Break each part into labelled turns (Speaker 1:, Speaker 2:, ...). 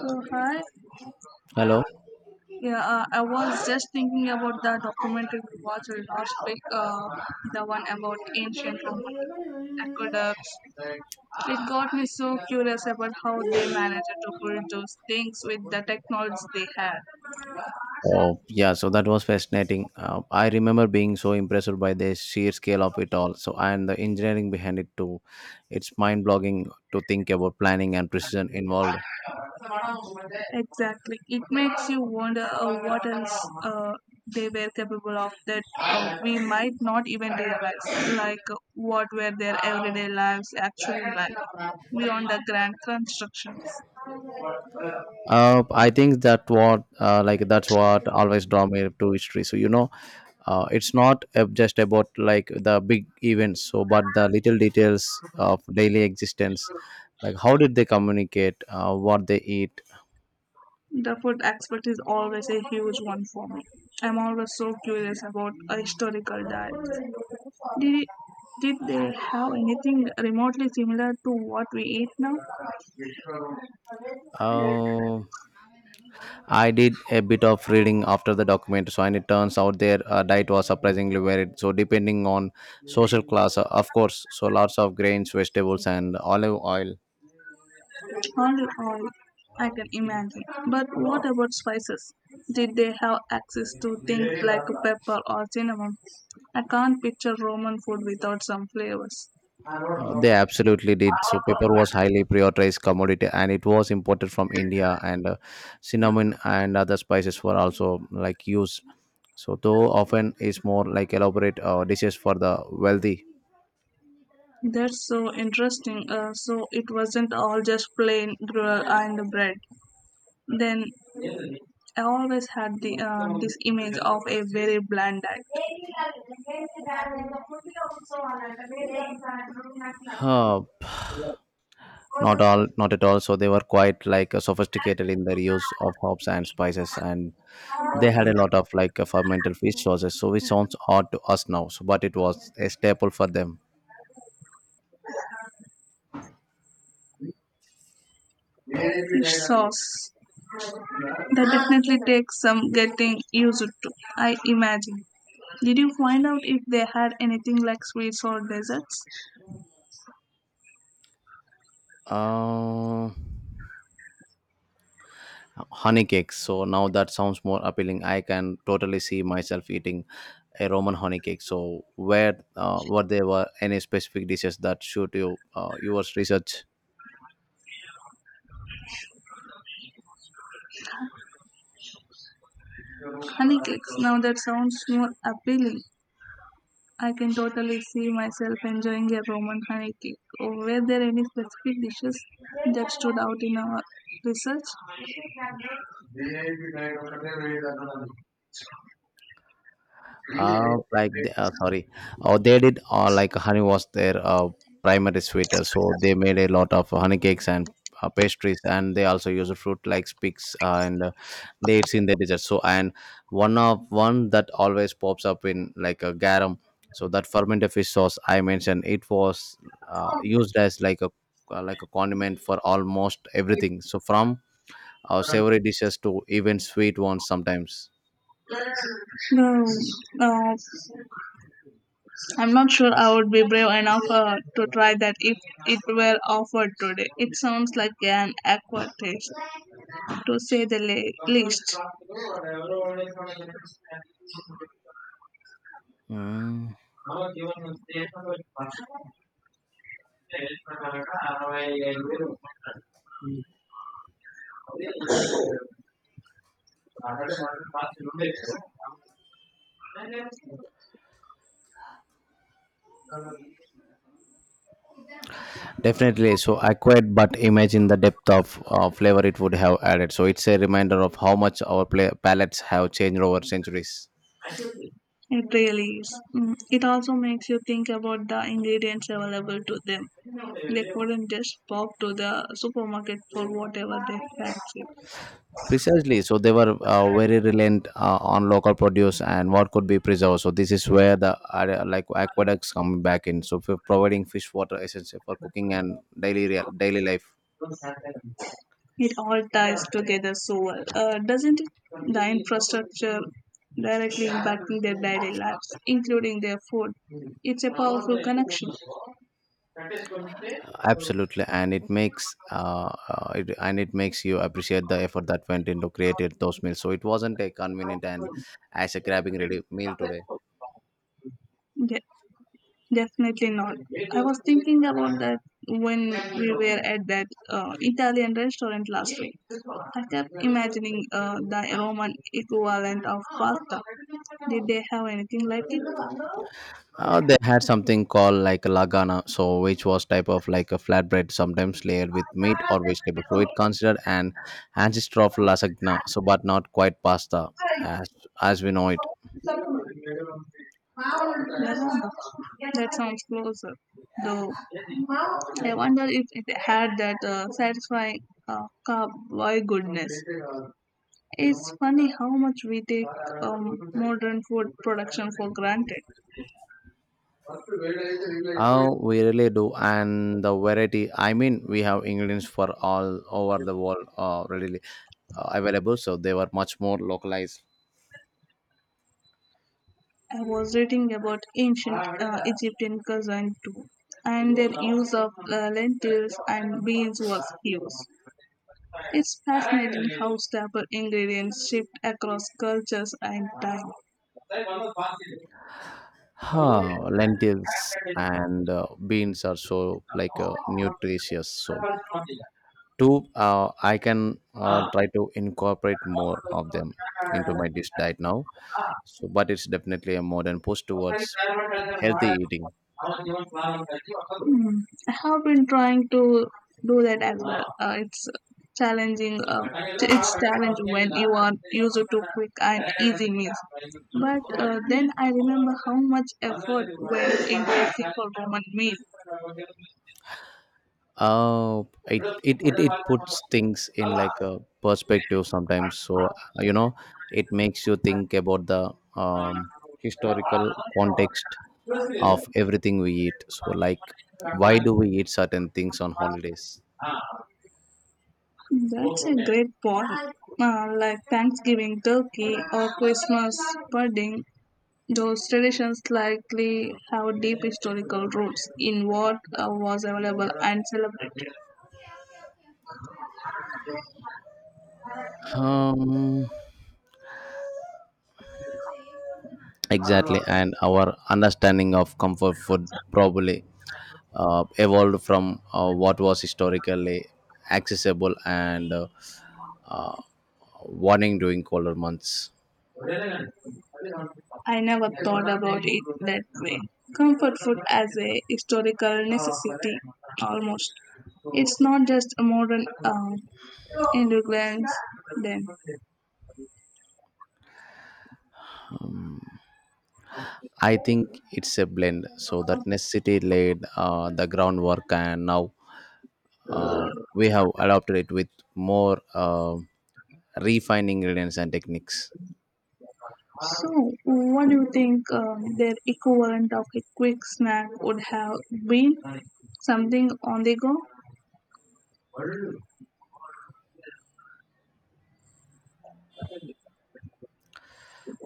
Speaker 1: Oh, hi.
Speaker 2: Hello.
Speaker 1: Yeah, I was just thinking about the documentary we watched last week, the one about ancient Roman aqueducts. It got me so curious about how they managed to build those things with the technology they had.
Speaker 2: Oh, yeah. So that was fascinating. I remember being so impressed by the sheer scale of it all. So, and the engineering behind it too. It's mind blogging to think about planning and precision involved.
Speaker 1: Exactly. It makes you wonder what else uh, they were capable of that we might not even realize. Like, what were their everyday lives actually like beyond the grand constructions?
Speaker 2: I think that what, like, that's what always draw me to history. So, it's not just about like the big events, so, but the little details of daily existence. Like, how did they communicate? What they eat?
Speaker 1: The food aspect is always a huge one for me. I'm always so curious about a historical diet. Did, did they have anything remotely similar to what we eat now?
Speaker 2: Oh. I did a bit of reading after the document, so and it turns out their diet was surprisingly varied. So depending on social class, of course, so lots of grains, vegetables, and olive oil.
Speaker 1: Only oil, I can imagine. But what about spices? Did they have access to things like pepper or cinnamon? I can't picture Roman food without some flavors.
Speaker 2: They absolutely did. So paper was highly prioritized commodity, and it was imported from India. And cinnamon and other spices were also like used. So though often is more like elaborate dishes for the wealthy.
Speaker 1: That's so interesting. So it wasn't all just plain gruel and bread. Then I always had the this image of a very bland diet.
Speaker 2: Huh. Not all, not at all. So they were quite like sophisticated in their use of hops and spices, and they had a lot of like fermented fish sauces. So which sounds odd to us now, so, but it was a staple for them.
Speaker 1: Fish sauce. That definitely takes some getting used to, I imagine. Did you find out if they had anything like sweets or desserts?
Speaker 2: Uh, honey cakes. So now that sounds more appealing. I can totally see myself eating a Roman honey cake. So where, were there were any specific dishes that shoot you, your research?
Speaker 1: Honeycakes. Now that sounds more appealing. I can totally see myself enjoying a Roman honey cake. Oh, were there any specific dishes that stood out in our research?
Speaker 2: Sorry, or they did like honey was their primary sweeter, so they made a lot of honey cakes and pastries, and they also use fruit like spics and dates in the dessert. So and one that always pops up in like a garum. So that fermented fish sauce I mentioned, it was used as like a condiment for almost everything. So from savory dishes to even sweet ones sometimes.
Speaker 1: No, uh, I'm not sure I would be brave enough to try that if it were offered today. It sounds like an awkward taste, to say the least.
Speaker 2: Definitely. So I quite, but imagine the depth of flavor it would have added. So it's a reminder of how much our pla palates have changed over centuries.
Speaker 1: It really is. Mm, it also makes you think about the ingredients available to them. They couldn't just pop to the supermarket for whatever they fancy.
Speaker 2: Precisely. So they were very reliant on local produce and what could be preserved. So this is where the like aqueducts come back in. So for providing fish water essential for cooking and daily life.
Speaker 1: It all ties together so well, doesn't it? The infrastructure directly impacting their daily lives, including their food. It's a powerful connection.
Speaker 2: Absolutely, and it makes and it makes you appreciate the effort that went into creating those meals, so it wasn't a convenient and as a grabbing ready meal today.
Speaker 1: De- Definitely not. I was thinking about that when we were at that Italian restaurant last week. I kept imagining the Roman equivalent of pasta. Did they have anything like it?
Speaker 2: They had something called like a lagana, so which was type of like a flatbread sometimes layered with meat or vegetable, so it considered an ancestor of lasagna, so but not quite pasta as as we know it.
Speaker 1: Lasagna. That sounds closer, though. I wonder if it had that satisfying cowboy goodness. It's funny how much we take modern food production for granted.
Speaker 2: Oh, we really do, and the variety. I mean, we have ingredients for all over the world readily available, so they were much more localized.
Speaker 1: I was reading about ancient Egyptian cuisine too, and their use of lentils and beans was huge. It's fascinating how staple ingredients shift across cultures and time.
Speaker 2: Huh, lentils and beans are so like nutritious. So, two, I can try to incorporate more of them into my dish diet now. So, but it's definitely a modern push towards healthy eating.
Speaker 1: Mm. I have been trying to do that as well. It's challenging. It's challenging when you are used to quick and easy meals. But then I remember how much effort went into a simple Roman meal.
Speaker 2: uh it puts things in like a perspective sometimes, so you know it makes you think about the historical context of everything we eat, so like why do we eat certain things on holidays?
Speaker 1: That's a great point. Like Thanksgiving turkey or Christmas pudding. Those traditions likely have deep historical roots in what was available and celebrated.
Speaker 2: um exactly, and our understanding of comfort food probably evolved from what was historically accessible and uh, warning during colder months.
Speaker 1: I never thought about it that way. Comfort food as a historical necessity, almost. It's not just a modern indulgence then.
Speaker 2: I think it's a blend. So that necessity laid the groundwork, and now we have adopted it with more refining ingredients and techniques.
Speaker 1: So, what do you think their equivalent of a quick snack would have been? Something on the go?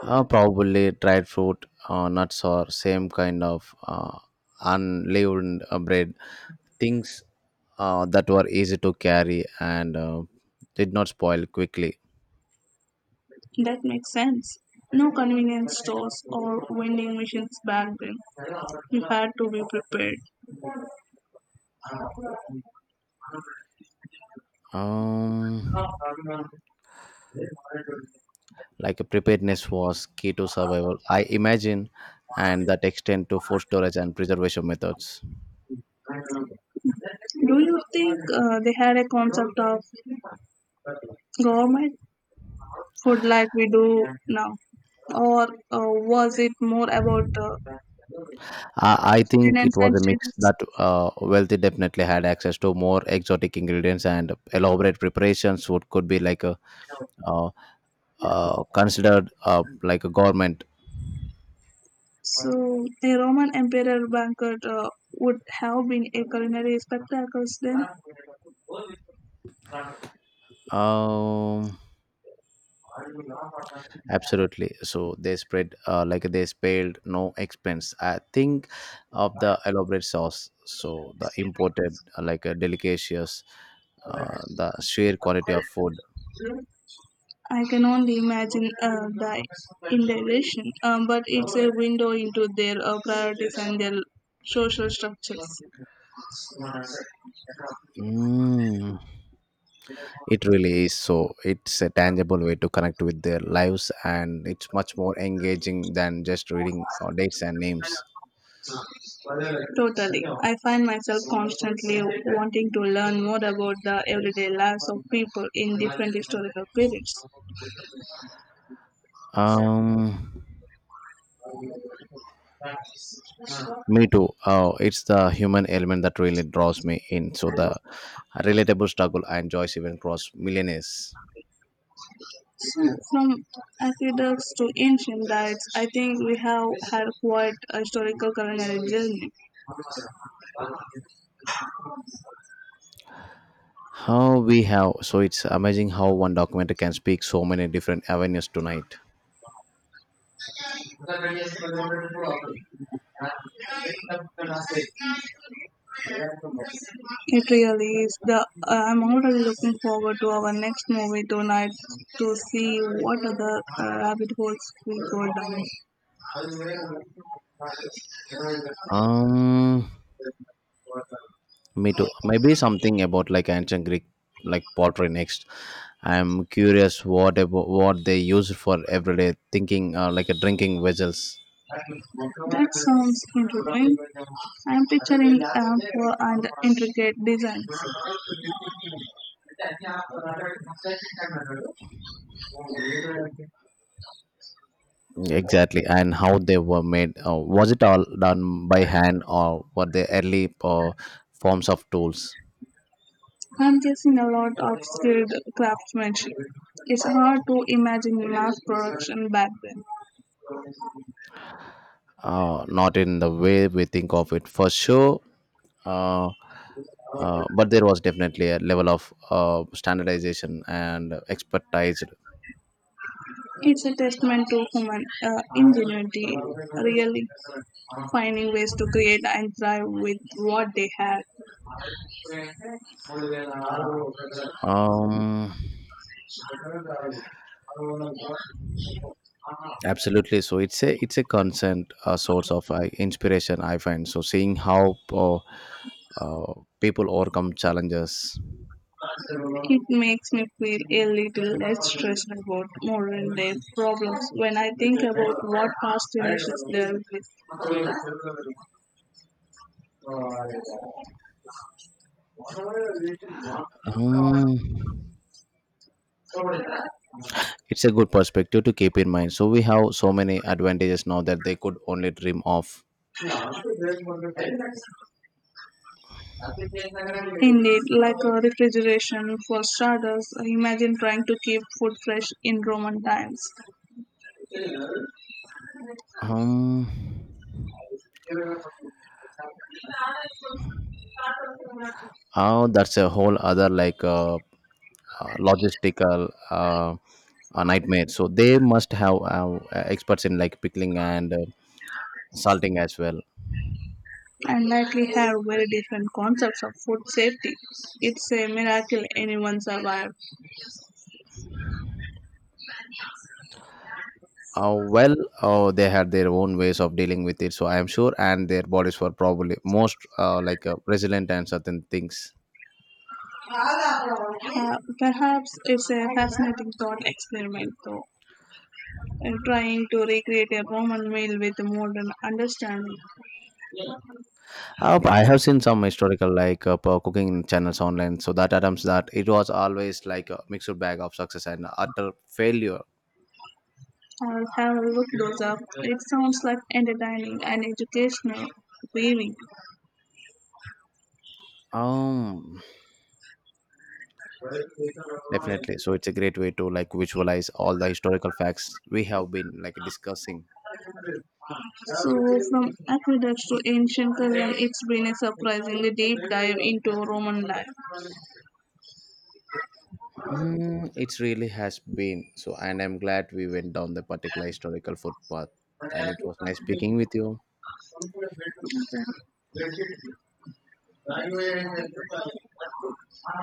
Speaker 2: Probably dried fruit, nuts, or same kind of unleavened bread, things that were easy to carry and did not spoil quickly.
Speaker 1: That makes sense. No convenience stores or vending machines back then. You had to be prepared.
Speaker 2: Um, like a preparedness was key to survival, I imagine, and that extend to food storage and preservation methods.
Speaker 1: Do you think they had a concept of government food like we do now? Or was it more about
Speaker 2: I think
Speaker 1: sustenance
Speaker 2: it
Speaker 1: and
Speaker 2: was a mix
Speaker 1: status?
Speaker 2: that wealthy definitely had access to more exotic ingredients and elaborate preparations, what could be like a uh, considered like a government.
Speaker 1: So, a Roman emperor banquet would have been a culinary spectacle then?
Speaker 2: um Absolutely. So they spread like they spared no expense. I think of the elaborate sauce. So the imported like a delicious, the sheer quality of food.
Speaker 1: I can only imagine the indignation, but it's a window into their priorities and their social structures.
Speaker 2: Mm. It really is. So it's a tangible way to connect with their lives, and it's much more engaging than just reading dates and names.
Speaker 1: Totally. I find myself constantly wanting to learn more about the everyday lives of people in different historical periods.
Speaker 2: Um. Me too. It's the human element that really draws me in. So the relatable struggle and joys even cross millionaires.
Speaker 1: From aqueducts to ancient diets, I think we have had quite a historical culinary journey.
Speaker 2: How we have, so it's amazing how one documentary can speak so many different avenues tonight.
Speaker 1: It really is. The I'm already looking forward to our next movie tonight to see what other rabbit holes we go down.
Speaker 2: Um, me too. Maybe something about like ancient Greek, like pottery next. I'm curious what about, what they use for everyday thinking, like a drinking vessels.
Speaker 1: That sounds interesting. I'm picturing ample and intricate designs.
Speaker 2: Exactly, and how they were made. Was it all done by hand, or were they early forms of tools?
Speaker 1: I'm guessing a lot of skilled craftsmanship. It's hard to imagine mass production back then.
Speaker 2: Not in the way we think of it, for sure. Uh, but there was definitely a level of standardization and expertise.
Speaker 1: It's a testament to human ingenuity, really. Finding ways to create and thrive with what they have.
Speaker 2: Um, absolutely. So it's a constant source of inspiration, I find, so seeing how uh, people overcome challenges.
Speaker 1: It makes me feel a little less stressed about modern day problems when I think about what past generations dealt with.
Speaker 2: Um, It's a good perspective to keep in mind. So we have so many advantages now that they could only dream of.
Speaker 1: Indeed, like a refrigeration for starters, imagine trying to keep food fresh in Roman times
Speaker 2: Um, oh, that's a whole other like logistical nightmare. So they must have experts in like pickling and salting as well.
Speaker 1: and likely have very different concepts of food safety. It's a miracle anyone survived.
Speaker 2: Well, they had their own ways of dealing with it. So I am sure, and their bodies were probably most like resilient and certain things.
Speaker 1: Perhaps it's a fascinating thought experiment, though, in trying to recreate a Roman meal with a modern understanding.
Speaker 2: I have seen some historical like cooking channels online, so that attempts that it was always like a mixed bag of success and utter failure.
Speaker 1: I'll have a look those up. It sounds like entertaining and educational weaving.
Speaker 2: Um, definitely. So it's a great way to like visualize all the historical facts we have been like discussing.
Speaker 1: So, from aqueducts to ancient Rome, it's been a surprisingly deep dive into Roman life.
Speaker 2: Mm, it really has been, so, and I'm glad we went down the particular historical footpath, and it was nice speaking with you.